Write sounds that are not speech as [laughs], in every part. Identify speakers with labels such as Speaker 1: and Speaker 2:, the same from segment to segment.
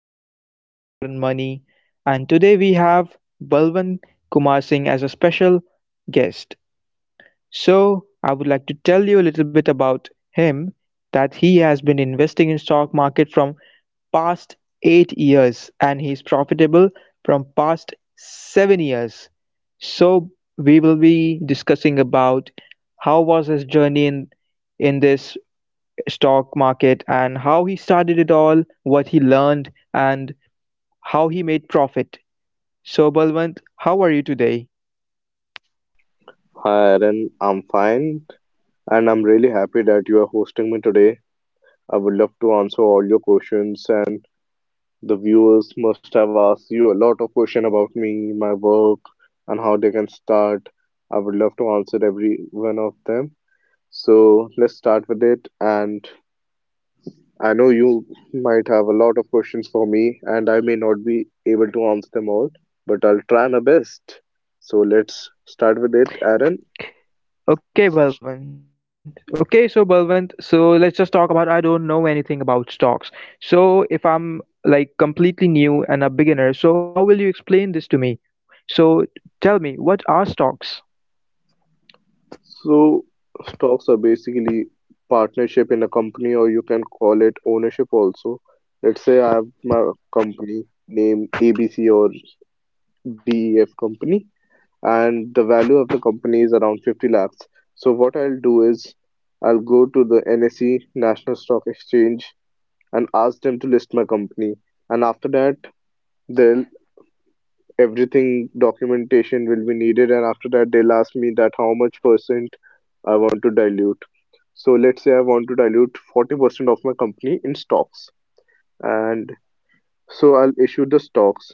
Speaker 1: host for today, Aaron Money, and today we have Balwan Kumar Singh as a special guest. So I would like to tell you a little bit about him, that he has been investing in stock market from past 8 years and he's profitable from past 7 years. So we will be discussing about how was his journey in this stock market and how he started it all, what he learned, and how he made profit. So, Balwant, how are you today?
Speaker 2: Hi, Aaron. I'm fine, and I'm really happy that you are hosting me today. I would love to answer all your questions, and the viewers must have asked you a lot of questions about me, my work, and how they can start. I would love to answer every one of them. So let's start with it. And I know you might have a lot of questions for me, and I may not be able to answer them all, but I'll try my best. So let's start with it, Aaron.
Speaker 1: Okay, Balwant. Okay, so Balwant, so let's just talk about, I don't know anything about stocks. So if I'm like completely new and a beginner, so how will you explain this to me? So tell me, what are stocks?
Speaker 2: So stocks are basically partnership in a company, or you can call it ownership also. Let's say I have my company named ABC or DEF company, and the value of the company is around 50 lakhs. So what I'll do is I'll go to the NSE, National Stock Exchange, and ask them to list my company. And after that, they'll, everything documentation will be needed, and after that they'll ask me that how much percent I want to dilute. So let's say I want to dilute 40% of my company in stocks. And so I'll issue the stocks.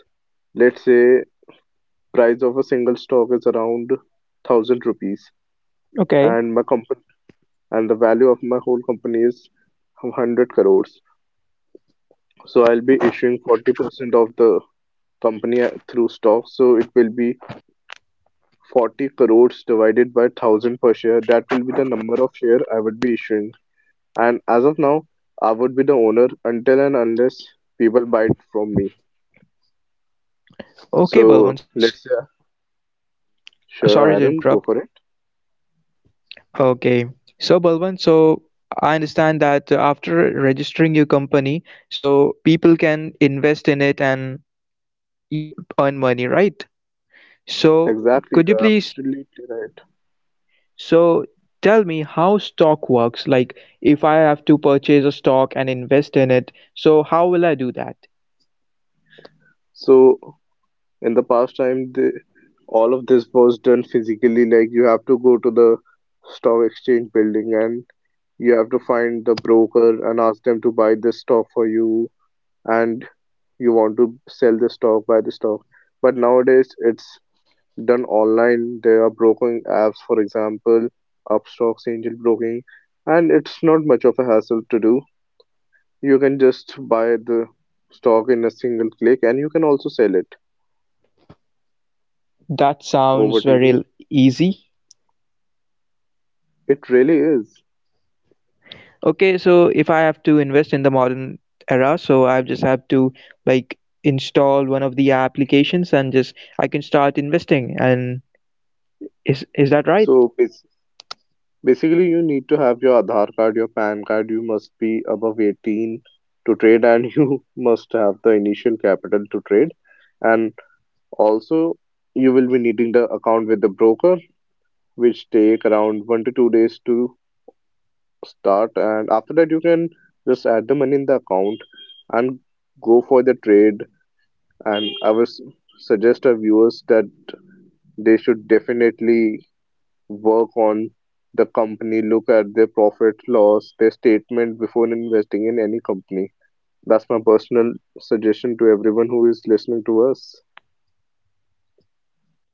Speaker 2: Let's say price of a single stock is around 1000 rupees and my
Speaker 1: Okay.
Speaker 2: company, and the value of my whole company is 100 crores. So I'll be issuing 40% of the company through stocks. So it will be 40 crores divided by 1000 per share. That will be the number of share I would be issuing. And as of now, I would be the owner until and unless people buy it from me.
Speaker 1: Okay,
Speaker 2: So
Speaker 1: Balwant.
Speaker 2: let's say,
Speaker 1: So
Speaker 2: sure,
Speaker 1: sorry to
Speaker 2: Aaron, go
Speaker 1: interrupt.
Speaker 2: for it.
Speaker 1: Okay. So Balwant, so I understand that after registering your company, so people can invest in it and you earn money, right? So
Speaker 2: Exactly,
Speaker 1: could
Speaker 2: you
Speaker 1: you
Speaker 2: are
Speaker 1: please,
Speaker 2: absolutely right.
Speaker 1: so tell me how stock works? Like if I have to purchase a stock and invest in it, so how will I do that?
Speaker 2: So in the past time, the, all of this was done physically, like you have to go to the stock exchange building and you have to find the broker and ask them to buy this stock for you, and you want to sell the stock, buy the stock. But nowadays, it's done online. There are broking apps, for example, Upstocks, Angel Broking, and it's not much of a hassle to do. You can just buy the stock in a single click and you can also sell it
Speaker 1: That
Speaker 2: over
Speaker 1: sounds
Speaker 2: to
Speaker 1: very
Speaker 2: you.
Speaker 1: l- Easy.
Speaker 2: It really is.
Speaker 1: Okay, so if I have to invest in the modern era, so I just have to like install one of the applications and just I can start investing. And is that right?
Speaker 2: So basically, you need to have your Aadhaar card, your PAN card, you must be above 18 to trade, and [laughs] you must have the initial capital to trade. And also, you will be needing the account with the broker, which take around 1 to 2 days to start. And after that, you can just add the money in the account and go for the trade. And I would suggest our viewers that they should definitely work on the company, look at their profit loss, their statement before investing in any company. That's my personal suggestion to everyone who is listening to us.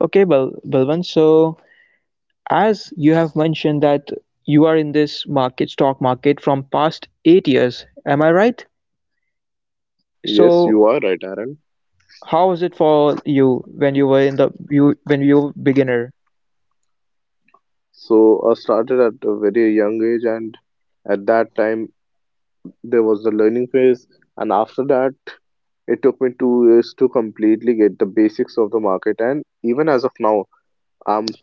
Speaker 1: Okay, Balwant. So as you have mentioned that you are in this market, stock market, from past 8 years, am I right?
Speaker 2: Yes,
Speaker 1: So
Speaker 2: you are right, Aaron.
Speaker 1: how was it for you when you were in the you when you were beginner?
Speaker 2: So I started at a very young age, and at that time there was the learning phase, and after that it took me 2 years to completely get the basics of the market. And even as of now, I'm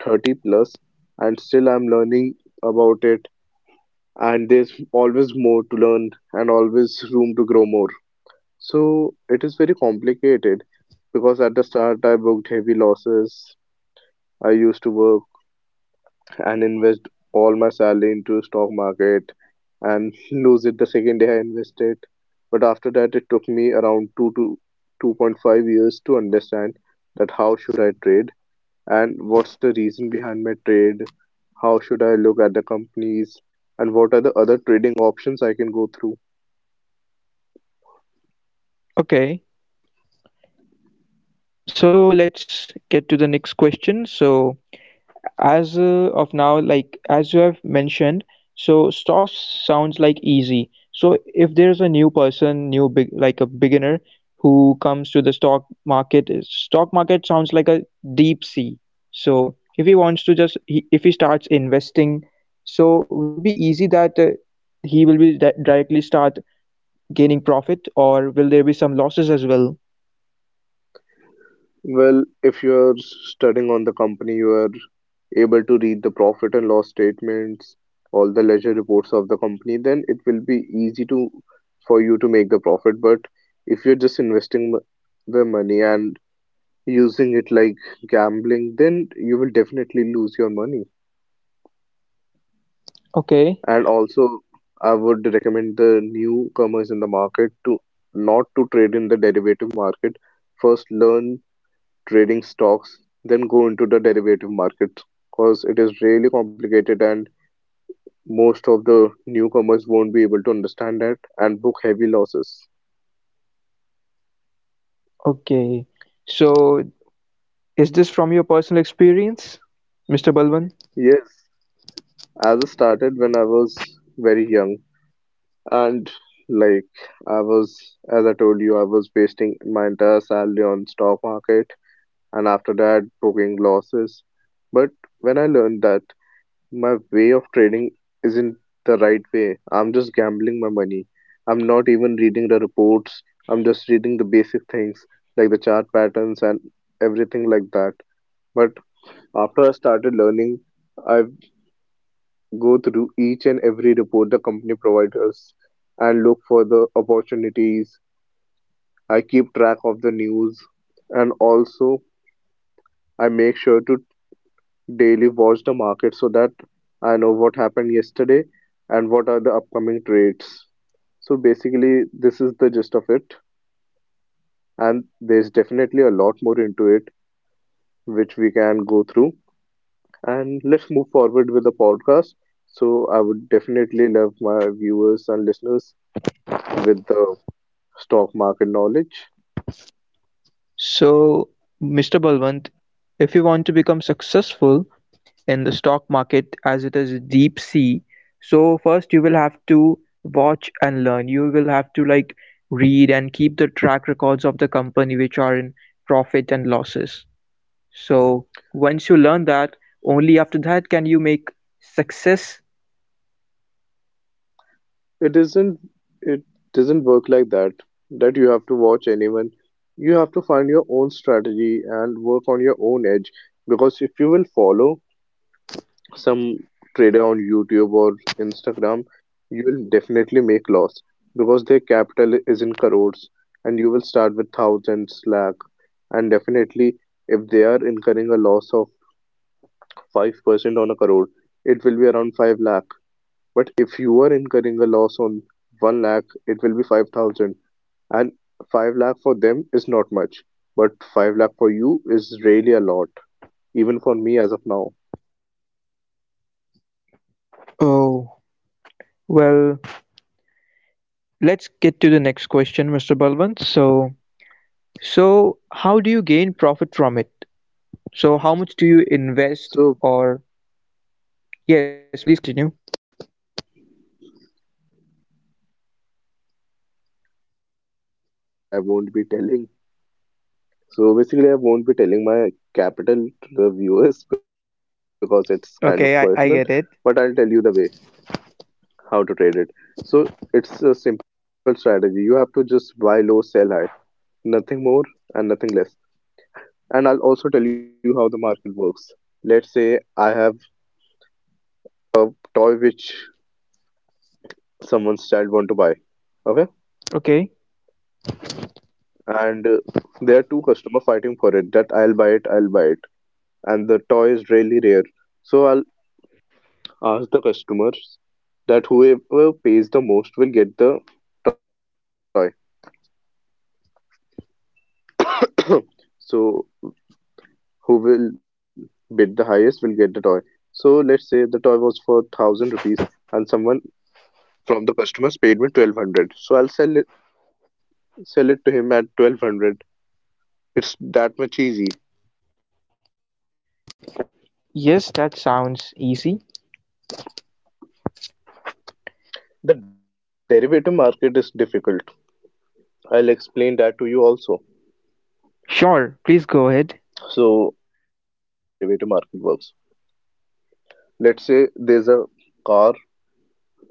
Speaker 2: 30 plus and still I'm learning about it, and there's always more to learn and always room to grow more. So it is very complicated because at the start I booked heavy losses. I used to work and invest all my salary into stock market and [laughs] lose it the second day I invested. But after that it took me around 2 to 2.5 years to understand that how should I trade and what's the reason behind my trade? How should I look at the companies? And what are the other trading options I can go through?
Speaker 1: Okay, so let's get to the next question. So, as of now, like as you have mentioned, so stocks sounds like easy. So if there's a new person, new big, like a beginner, who comes to the stock market is- stock market sounds like a deep sea. So if he wants to just he, if he starts investing, so will it be easy that he will be directly start gaining profit, or will there be some losses as well?
Speaker 2: Well, if you're studying on the company, you are able to read the profit and loss statements, all the ledger reports of the company, then it will be easy to, for you to make the profit. But if you're just investing the money and using it like gambling, then you will definitely lose your money.
Speaker 1: Okay.
Speaker 2: And also, I would recommend the newcomers in the market to not to trade in the derivative market. First, learn trading stocks, then go into the derivative market because it is really complicated and most of the newcomers won't be able to understand that and book heavy losses.
Speaker 1: Okay, so is this from your personal experience, Mr. Balwan?
Speaker 2: Yes, as I started when I was very young, and like I was, as I told you, I was wasting my entire salary on stock market and after that booking losses. But when I learned that my way of trading isn't the right way, I'm just gambling my money. I'm not even reading the reports, I'm just reading the basic things like the chart patterns and everything like that. But after I started learning, I go through each and every report the company provides us and look for the opportunities. I keep track of the news and also I make sure to daily watch the market so that I know what happened yesterday and what are the upcoming trades. So basically, this is the gist of it, and there's definitely a lot more into it which we can go through. And let's move forward with the podcast. So I would definitely love my viewers and listeners with the stock market knowledge.
Speaker 1: So, Mr. Balwant, if you want to become successful in the stock market, as it is deep sea, so first you will have to watch and learn. You will have to like read and keep the track records of the company which are in profit and losses. So once you learn that, only after that can you make success.
Speaker 2: It isn't it doesn't work like that, that you have to watch anyone. You have to find your own strategy and work on your own edge because if you will follow some trader on YouTube or Instagram, you will definitely make loss because their capital is in crores and you will start with thousands lakh, and definitely if they are incurring a loss of 5% on a crore, it will be around 5 lakh, but if you're incurring a loss on one lakh, it will be 5,000. And five lakh for them is not much, but five lakh for you is really a lot, even for me as of now.
Speaker 1: Oh, well, let's get to the next question, Mr. Balwant. So, so how do you gain profit from it? So how much do you invest?
Speaker 2: So
Speaker 1: Or, yes, please continue.
Speaker 2: so basically I won't be telling so basically I won't be telling my capital to the viewers because it's kind of personal,
Speaker 1: Okay, I,
Speaker 2: but
Speaker 1: I
Speaker 2: I'll tell
Speaker 1: get
Speaker 2: you
Speaker 1: it.
Speaker 2: the way how to trade it. So it's a simple strategy. You have to just buy low, sell high, nothing more and nothing less. And I'll also tell you how the market works. Let's say I have a toy which someone's child want to buy, okay?
Speaker 1: Okay.
Speaker 2: And There are two customer fighting for it that I'll buy it, and the toy is really rare. So I'll ask the customers that whoever pays the most will get the toy. [coughs] [clears throat] So who will bid the highest will get the toy. So let's say the toy was for thousand rupees and someone from the customers paid me 1200. So I'll sell it to him at 1200. It's that much easy.
Speaker 1: Yes, that sounds easy.
Speaker 2: The derivative market is difficult. I'll explain that to you also.
Speaker 1: Sure, please go ahead.
Speaker 2: So, I'll tell you how the derivative market works. Let's say there's a car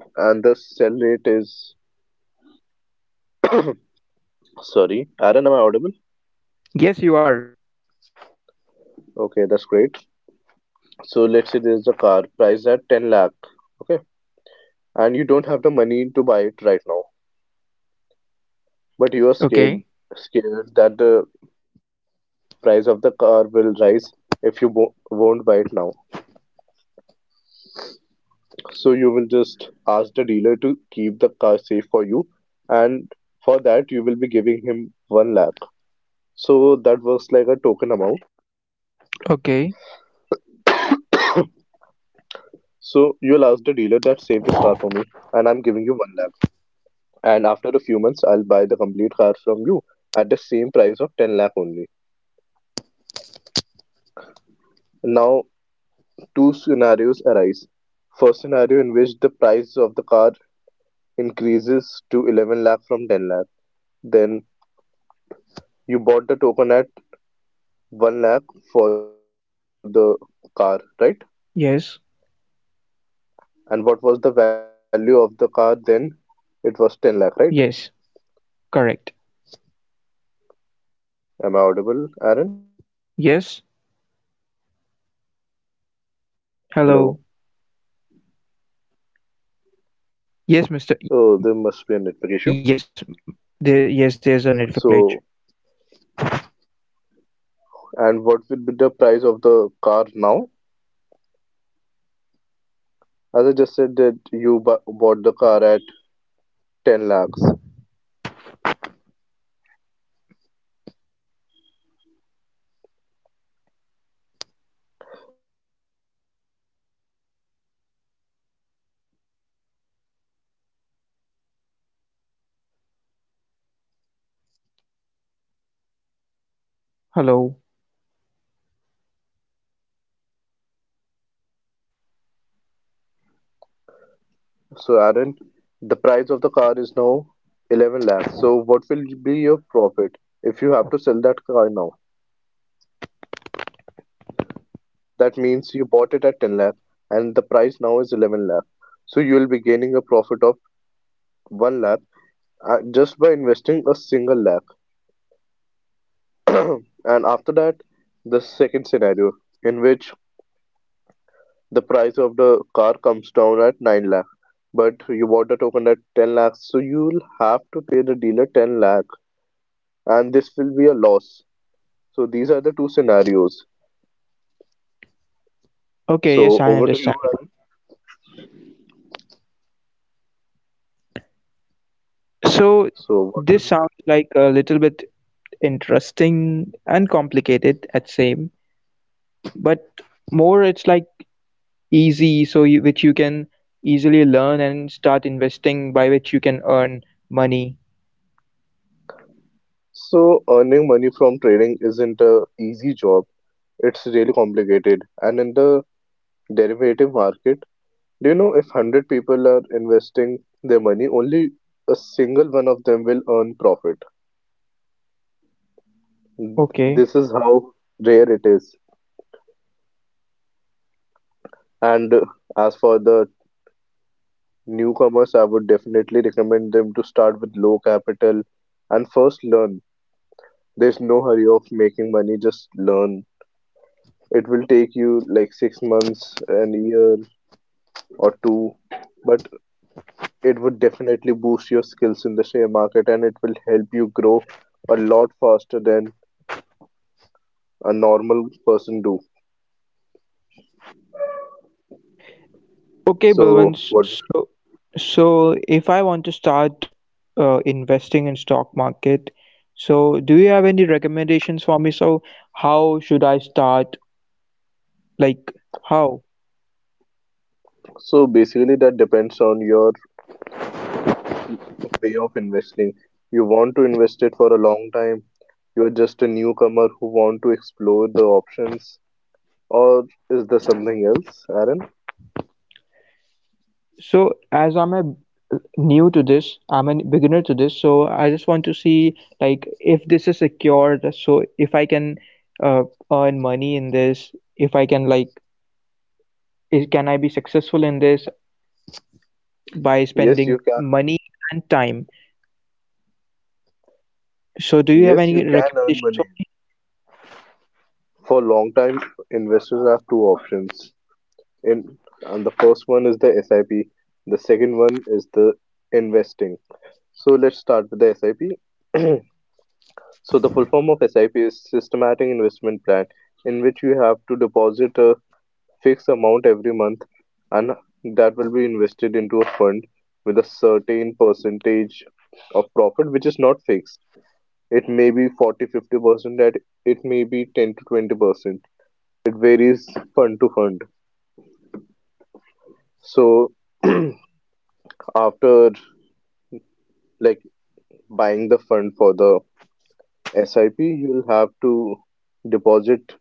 Speaker 2: and the sell rate is, sorry, Aaron, am I audible?
Speaker 1: Yes, you are.
Speaker 2: Okay, that's great. So, let's say there's a car priced at 10 lakh, okay, and you don't have the money to buy it right now, but you are
Speaker 1: Okay.
Speaker 2: scared that the price of the car will rise if you won't buy it now. So you will just ask the dealer to keep the car safe for you, and for that you will be giving him one lakh. So that works like a token amount.
Speaker 1: Okay.
Speaker 2: So you'll ask the dealer that save this car for me, and I'm giving you one lakh. And after a few months, I'll buy the complete car from you at the same price of 10 lakh only. Now, two scenarios arise. First scenario in which the price of the car increases to 11 lakh from 10 lakh. Then you bought the token at one lakh for the car, right?
Speaker 1: Yes.
Speaker 2: And what was the value of the car then? It was 10 lakh, right?
Speaker 1: Yes. Correct.
Speaker 2: Am I audible, Aaron?
Speaker 1: Yes. Hello.
Speaker 2: Hello.
Speaker 1: Yes, Mr.
Speaker 2: Oh, there must be a network issue.
Speaker 1: Yes. There, yes, there's a network glitch.
Speaker 2: So, and what will be the price of the car now? As I just said that you bu bought the car at 10 lakhs. As we as we just told you that you bought the car at 10 lakh rupees.
Speaker 1: Hello.
Speaker 2: So, Aaron, the price of the car is now 11 lakhs. So, what will be your profit if you have to sell that car now? That means you bought it at 10 lakh and the price now is 11 lakh. So you will be gaining a profit of 1 lakh just by investing a single lakh. [clears throat] And after that, the second scenario in which the price of the car comes down at 9 lakh, but you bought the token at 10 lakhs, so you'll have to pay the dealer 10 lakh, and this will be a loss. So these are the two scenarios.
Speaker 1: Okay. Yes,
Speaker 2: So
Speaker 1: I
Speaker 2: over to you,
Speaker 1: understand.
Speaker 2: Aaron.
Speaker 1: So
Speaker 2: So what?
Speaker 1: this
Speaker 2: Would
Speaker 1: sounds like a little bit interesting and complicated at same, but more it's like easy, so you, which you can easily learn and start investing, by which you can earn money.
Speaker 2: So earning money from trading isn't a easy job. It's really complicated. And in the derivative market, do you know if 100 people are investing their money, only a single one of them will earn profit.
Speaker 1: Okay.
Speaker 2: This is how rare it is. And as for the newcomers, I would definitely recommend them to start with low capital and first learn. There's no hurry of making money, just learn. It will take you like 6 months, an year, or two, but it would definitely boost your skills in the share market and it will help you grow a lot faster than a normal person do.
Speaker 1: Okay,
Speaker 2: So
Speaker 1: Balwant,
Speaker 2: what
Speaker 1: so, so if I want to start investing in stock market, so do you have any recommendations for me? So how should I start, like how?
Speaker 2: so basically that depends on your way of investing. You want to invest it for a long time, you're just a newcomer who want to explore the options, or is there something else, Aaron?
Speaker 1: So as I'm a new to this, I'm a beginner to this, so I just want to see like if this is secure, just so if I can uh, earn money in this, if I can like is, can I be successful in this by
Speaker 2: Yes, you
Speaker 1: spending
Speaker 2: can.
Speaker 1: money and time? So do you have
Speaker 2: Yes,
Speaker 1: any
Speaker 2: you can earn
Speaker 1: recommendations for
Speaker 2: money.
Speaker 1: me?
Speaker 2: For long time, investors have two options. In and the first one is the SIP. The second one is the investing. So let's start with the SIP. [clears throat] So the full form of SIP is systematic investment plan in which you have to deposit a fixed amount every month and that will be invested into a fund with a certain percentage of profit which is not fixed. It may be 40-50% that it may be 10 to 20%. It varies fund to fund. So [clears throat] after like buying the fund for the SIP, you'll have to deposit.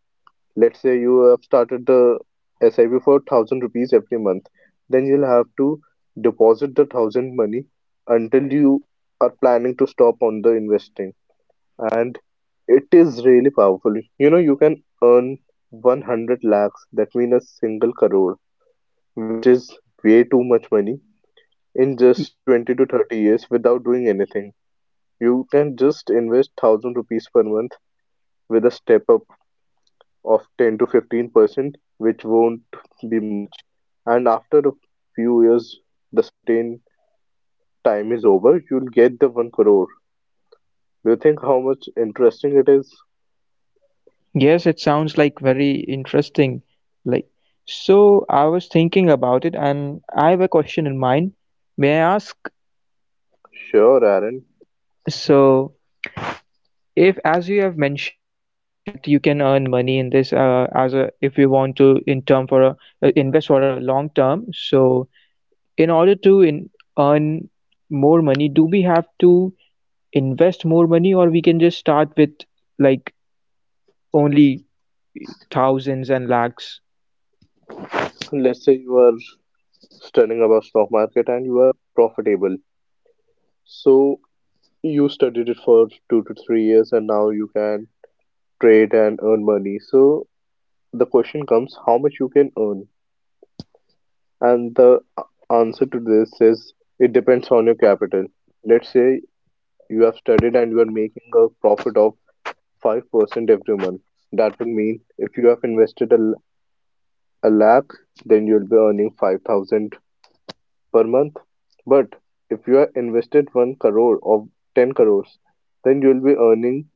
Speaker 2: Let's say you have started the SIP for 1,000 rupees every month, then you'll have to deposit the 1,000 money until you are planning to stop on the investing. And it is really powerful. You know, you can earn 100 lakhs, that means a single crore, which is way too much money in
Speaker 1: Y-
Speaker 2: just 20 to 30 years without doing anything. You can just invest 1,000 rupees per month with a step-up of 10 to 15%, which won't be much, and after a few years, the certain time is over, you'll get the 1 crore. Do you think how much interesting it is?
Speaker 1: Yes, it sounds like very interesting. Like, so I was thinking about it and I have a question in mind. May I ask?
Speaker 2: Sure, Aaron.
Speaker 1: So if, as you have mentioned, that you can earn money in this as a, if you want to in term for a invest for a long term. So in order to in, earn more money, do we have to invest more money, or we can just start with like only thousands and lakhs?
Speaker 2: Let's say you are studying about stock market and you are profitable. So you studied it for 2 to 3 years and now you can trade and earn money. So the question comes how much you can earn. And the answer to this is it depends on your capital. Let's say you have studied and you are making a profit of 5% every month. That would mean if you have invested a lakh, then you'll be earning 5,000 per month. But if you have invested 1 crore or 10 crores, then you'll be earning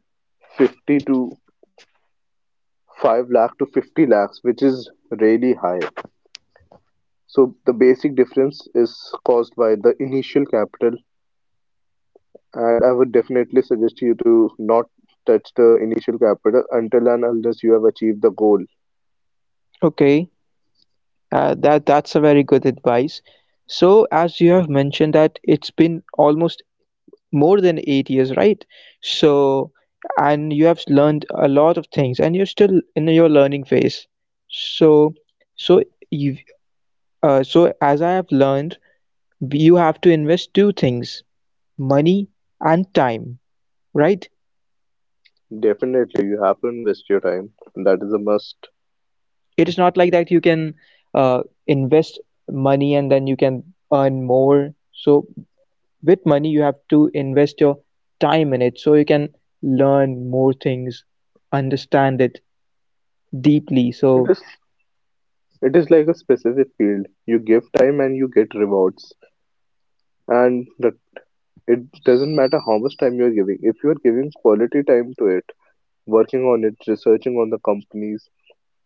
Speaker 2: 50 to 5 lakh to 50 lakhs, which is really high. So the basic difference is caused by the initial capital. And I would definitely suggest you to not touch the initial capital until and unless you have achieved the goal.
Speaker 1: Okay, that's a very good advice. So, as you have mentioned that it's been almost more than 8 years, right? So, and you have learned a lot of things and you're still in your learning phase. So, so you, so as I have learned, you have to invest two things: money and time, right?
Speaker 2: Definitely, you have to invest your time. That is a must.
Speaker 1: It is not like that you can uh, invest money and then you can earn more. So with money you have to invest your time in it, so you can learn more things, understand it deeply.
Speaker 2: It
Speaker 1: So,
Speaker 2: is it is like a specific field. You give time and you get rewards. And that it doesn't matter how much time you're giving. If you're giving quality time to it, working on it, researching on the companies,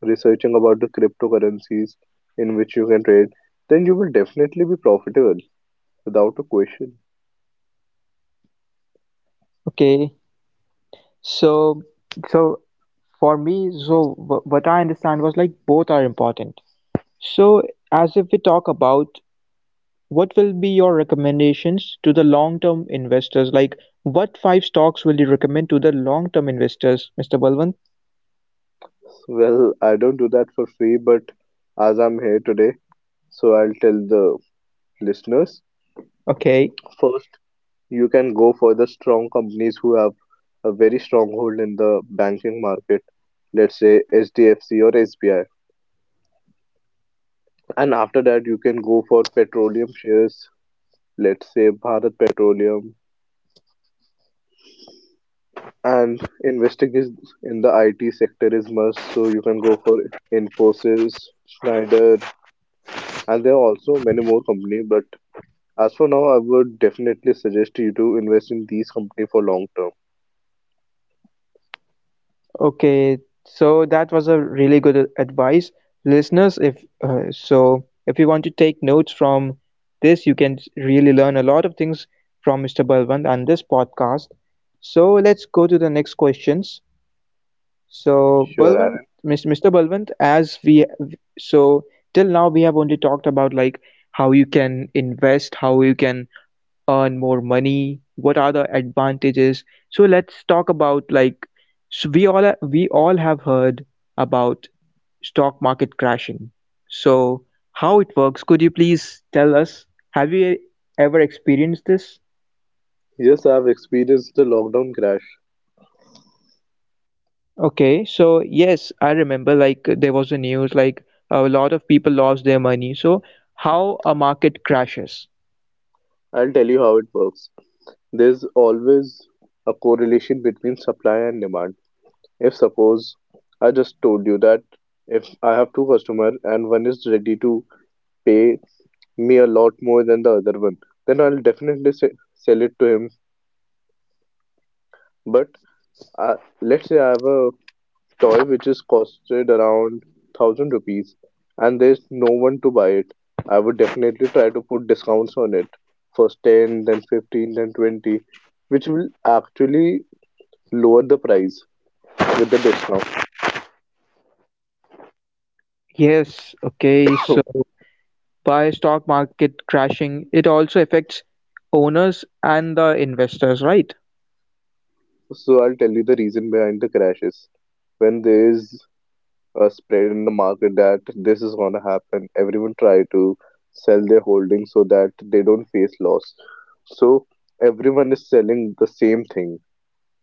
Speaker 2: researching about the cryptocurrencies in which you can trade, then you will definitely be profitable without a question.
Speaker 1: okay, so, so for me, so what I understand was like both are important. So, as if we talk about, what will be your recommendations to the long-term investors? Like what five stocks will you recommend to the long-term investors, Mr. Balwant?
Speaker 2: Well, I don't do that for free, but as I'm here today, so I'll tell the listeners.
Speaker 1: Okay.
Speaker 2: First, you can go for the strong companies who have a very strong hold in the banking market, let's say HDFC or SBI. And after that, you can go for petroleum shares, let's say Bharat Petroleum. And investing is in the IT sector is must, so you can go for Infosys, Schneider, and there are also many more companies, but as for now, I would definitely suggest you to invest in these company for long term.
Speaker 1: Okay, so that was a really good advice, listeners. If so, if you want to take notes from this, you can really learn a lot of things from Mr. Balwant and this podcast. So let's go to the next questions. So
Speaker 2: Sure,
Speaker 1: Balwant,
Speaker 2: Aaron.
Speaker 1: Mr. Balwant, as we, so till now we have only talked about like how you can invest, how you can earn more money, what are the advantages. So let's talk about like, so we all have heard about stock market crashing. So how it works, could you please tell us? Have you ever experienced this?
Speaker 2: Yes, I've experienced the lockdown crash.
Speaker 1: Okay, so yes, I remember like there was a news like a lot of people lost their money. So how a market crashes.
Speaker 2: I'll tell you how it works. There's always a correlation between supply and demand. If suppose I just told you that if I have two customers and one is ready to pay me a lot more than the other one, then I'll definitely sell it to him. But uh, let's say I have a toy which is costed around 1,000 rupees and there's no one to buy it, I would definitely try to put discounts on it. First 10, then 15, then 20, which will actually lower the price with the discount.
Speaker 1: Yes, okay,
Speaker 2: [coughs]
Speaker 1: so by stock market crashing, it also affects owners and the investors, right?
Speaker 2: So I'll tell you the reason behind the crashes. When there is a spread in the market that this is gonna happen, everyone try to sell their holdings so that they don't face loss. So everyone is selling the same thing.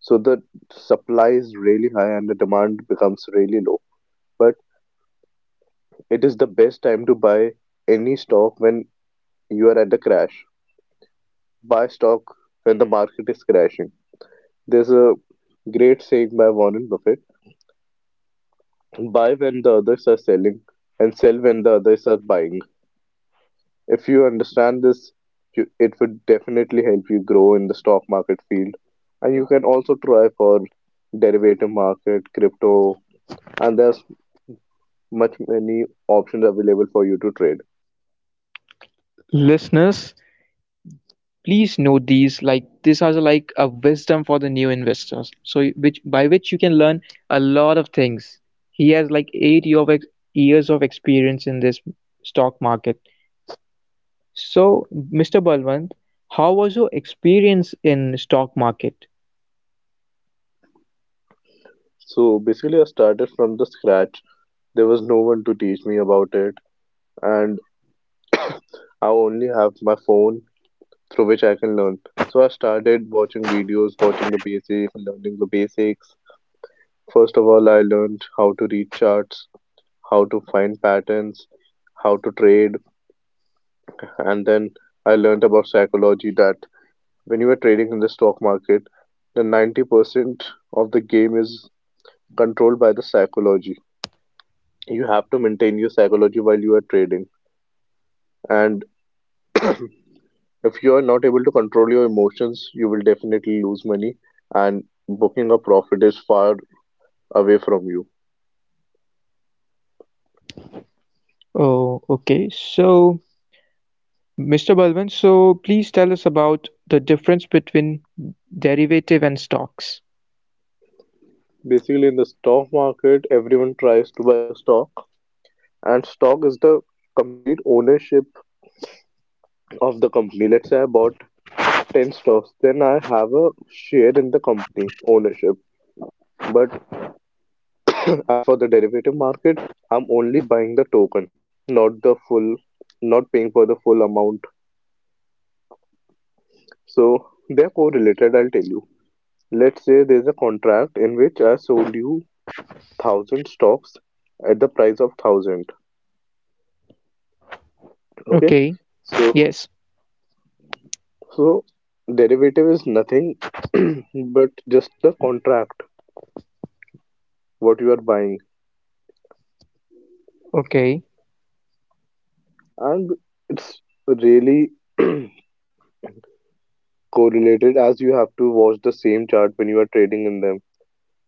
Speaker 2: So the supply is really high and the demand becomes really low. But it is the best time to buy any stock when you are at the crash. Buy stock when the market is crashing. There's a great saying by Warren Buffett, buy when the others are selling and sell when the others are buying. If you understand this, it would definitely help you grow in the stock market field. And you can also try for derivative market, crypto, and there are much many options available for you to trade.
Speaker 1: Listeners, please note these, like this, are like a wisdom for the new investors, so which by which you can learn a lot of things. He has like eight year of ex- years of experience in this stock market. So, Mr. Balwant, how was your experience in stock market?
Speaker 2: So basically, I started from the scratch. There was no one to teach me about it, and I only have my phone through which I can learn. So I started watching videos, watching the basics, learning the basics. First of all, I learned how to read charts, how to find patterns, how to trade, and then I learned about psychology that when you are trading in the stock market, the 90% of the game is controlled by the psychology. You have to maintain your psychology while you are trading and [clears throat] if you are not able to control your emotions you will definitely lose money and booking a profit is far away from you.
Speaker 1: Oh, okay, so Mr. Balwant, so please tell us about the difference between derivative and stocks.
Speaker 2: Basically in the stock market everyone tries to buy the stock and stock is the complete ownership of the company. Let's say I bought 10 stocks then I have a share in the company ownership. But [clears throat] as for the derivative market I'm only buying the token, not the full, not paying for the full amount. So they're correlated, I'll tell you. Let's say there's a contract in which I sold you 1,000 stocks at the price of 1,000. Okay.
Speaker 1: Okay,
Speaker 2: So
Speaker 1: yes,
Speaker 2: so derivative is nothing [clears throat] but just the contract what you are buying.
Speaker 1: okay.
Speaker 2: And it's really [clears throat] correlated as you have to watch the same chart when you are trading in them.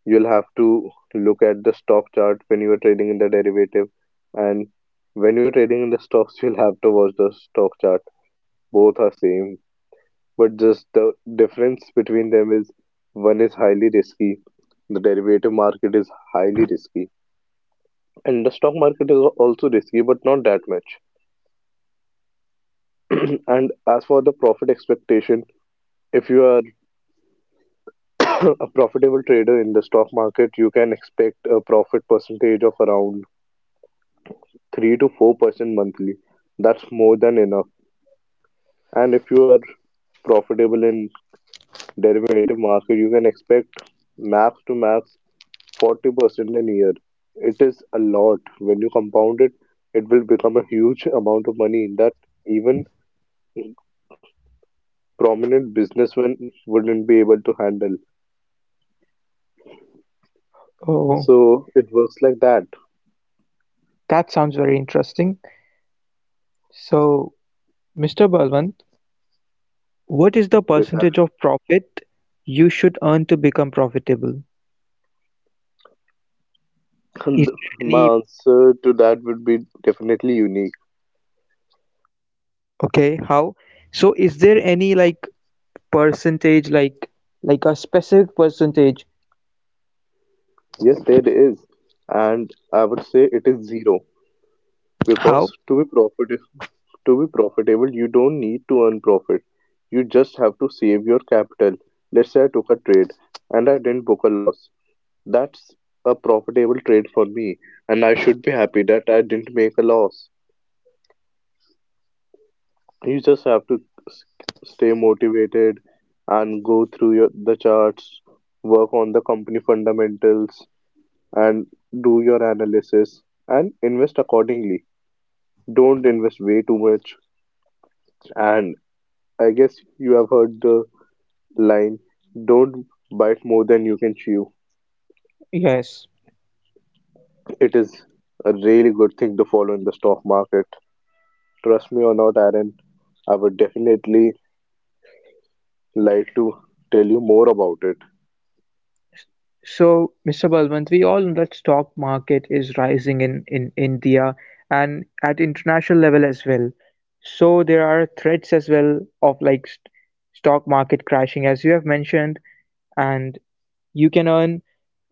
Speaker 2: You'll have to look at the stock chart when you are trading in the derivative and when you are trading in the stocks, you'll have to watch the stock chart. Both are same, but just the difference between them is one is highly risky. The derivative market is highly risky, and the stock market is also risky, but not that much. [clears throat] And as for the profit expectation, if you are [clears throat] a profitable trader in the stock market, you can expect a profit percentage of around 3 to 4% monthly. That's more than enough. And if you are profitable in derivative market, you can expect max to max 40% in a year. It is a lot. When you compound it, it will become a huge [laughs] amount of money that even prominent businessmen wouldn't be able to handle.
Speaker 1: Oh,
Speaker 2: So it works like that.
Speaker 1: that sounds very interesting. So, Mr. Balwant, what is the
Speaker 2: Yes,
Speaker 1: percentage of profit you should earn to become profitable?
Speaker 2: and
Speaker 1: Is there
Speaker 2: [laughs] my
Speaker 1: any,
Speaker 2: answer to that would be definitely unique.
Speaker 1: okay, how? So is there any like percentage, like a specific percentage?
Speaker 2: Yes, there is, and I would say it is zero because
Speaker 1: How?
Speaker 2: to be profitable, you don't need to earn profit. You just have to save your capital. Let's say I took a trade and I didn't book a loss. That's a profitable trade for me, and I should be happy that I didn't make a loss. You just have to s- stay motivated and go through the charts, work on the company fundamentals, and do your analysis and invest accordingly. Don't invest way too much. And I guess you have heard the line don't bite more than you can chew.
Speaker 1: Yes.
Speaker 2: It is a really good thing to follow in the stock market. Trust me or not, Aaron, I would definitely like to tell you more about it.
Speaker 1: So, Mr. Balwant, we all know that stock market is rising in India and at international level as well. So there are threats as well of like st stock market crashing, as you have mentioned, and you can earn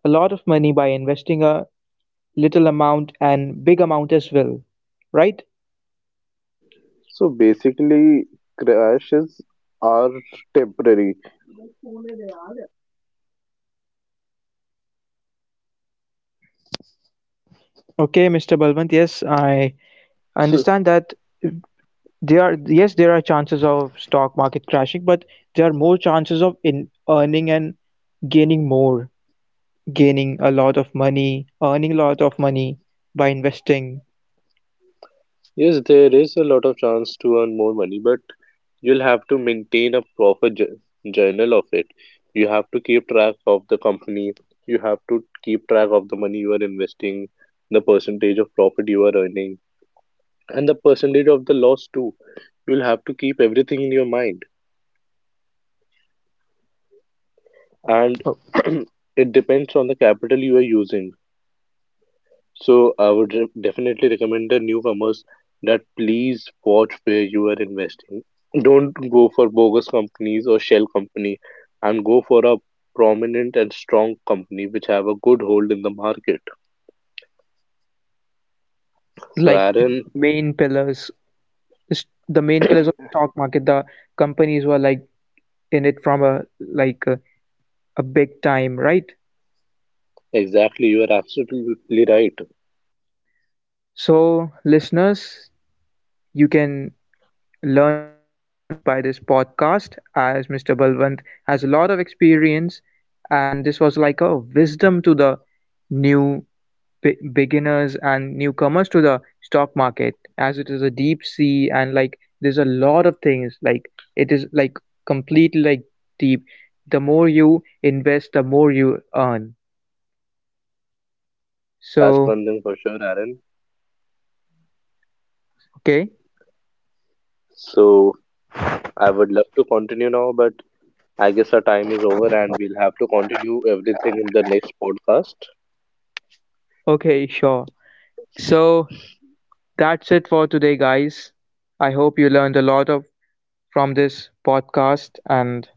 Speaker 1: a lot of money by investing a little amount and big amount as well, right?
Speaker 2: So basically, crashes are temporary.
Speaker 1: Okay, Mr. Balwant, yes, I
Speaker 2: So
Speaker 1: understand that. There are, yes, there are chances of stock market crashing, but there are more chances of in earning and gaining more, gaining a lot of money, earning a lot of money by investing.
Speaker 2: yes, there is a lot of chance to earn more money, but you'll have to maintain a proper journal of it. You have to keep track of the company. You have to keep track of the money you are investing, the percentage of profit you are earning, and the percentage of the loss too. You'll have to keep everything in your mind. And
Speaker 1: Uh,
Speaker 2: [clears throat] it depends on the capital you are using. So I would definitely recommend the newcomers that please watch where you are investing. Don't go for bogus companies or shell company and go for a prominent and strong company which have a good hold in the market. So
Speaker 1: Like the
Speaker 2: Aaron,
Speaker 1: main pillars, the the main pillars of the
Speaker 2: [clears throat]
Speaker 1: stock market, the companies who are like in it from a like a big time, right?
Speaker 2: exactly, you are absolutely right.
Speaker 1: So listeners, you can learn a lot of things by this podcast, as Mr. Balwant has a lot of experience and this was like a wisdom to the new beginners and newcomers to the stock market, as it is a deep sea and like there's a lot of things, like it is like completely like deep, the more you invest the more you earn.
Speaker 2: That's
Speaker 1: So
Speaker 2: one thing for sure, Aaron.
Speaker 1: okay.
Speaker 2: So I would love to continue now, but I guess our time is over and we'll have to continue everything in the next podcast.
Speaker 1: Okay, sure, so that's it for today, guys. I hope you learned a lot of from this podcast, and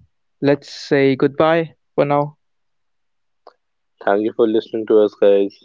Speaker 1: let's say goodbye for now.
Speaker 2: Thank you for listening to us, guys.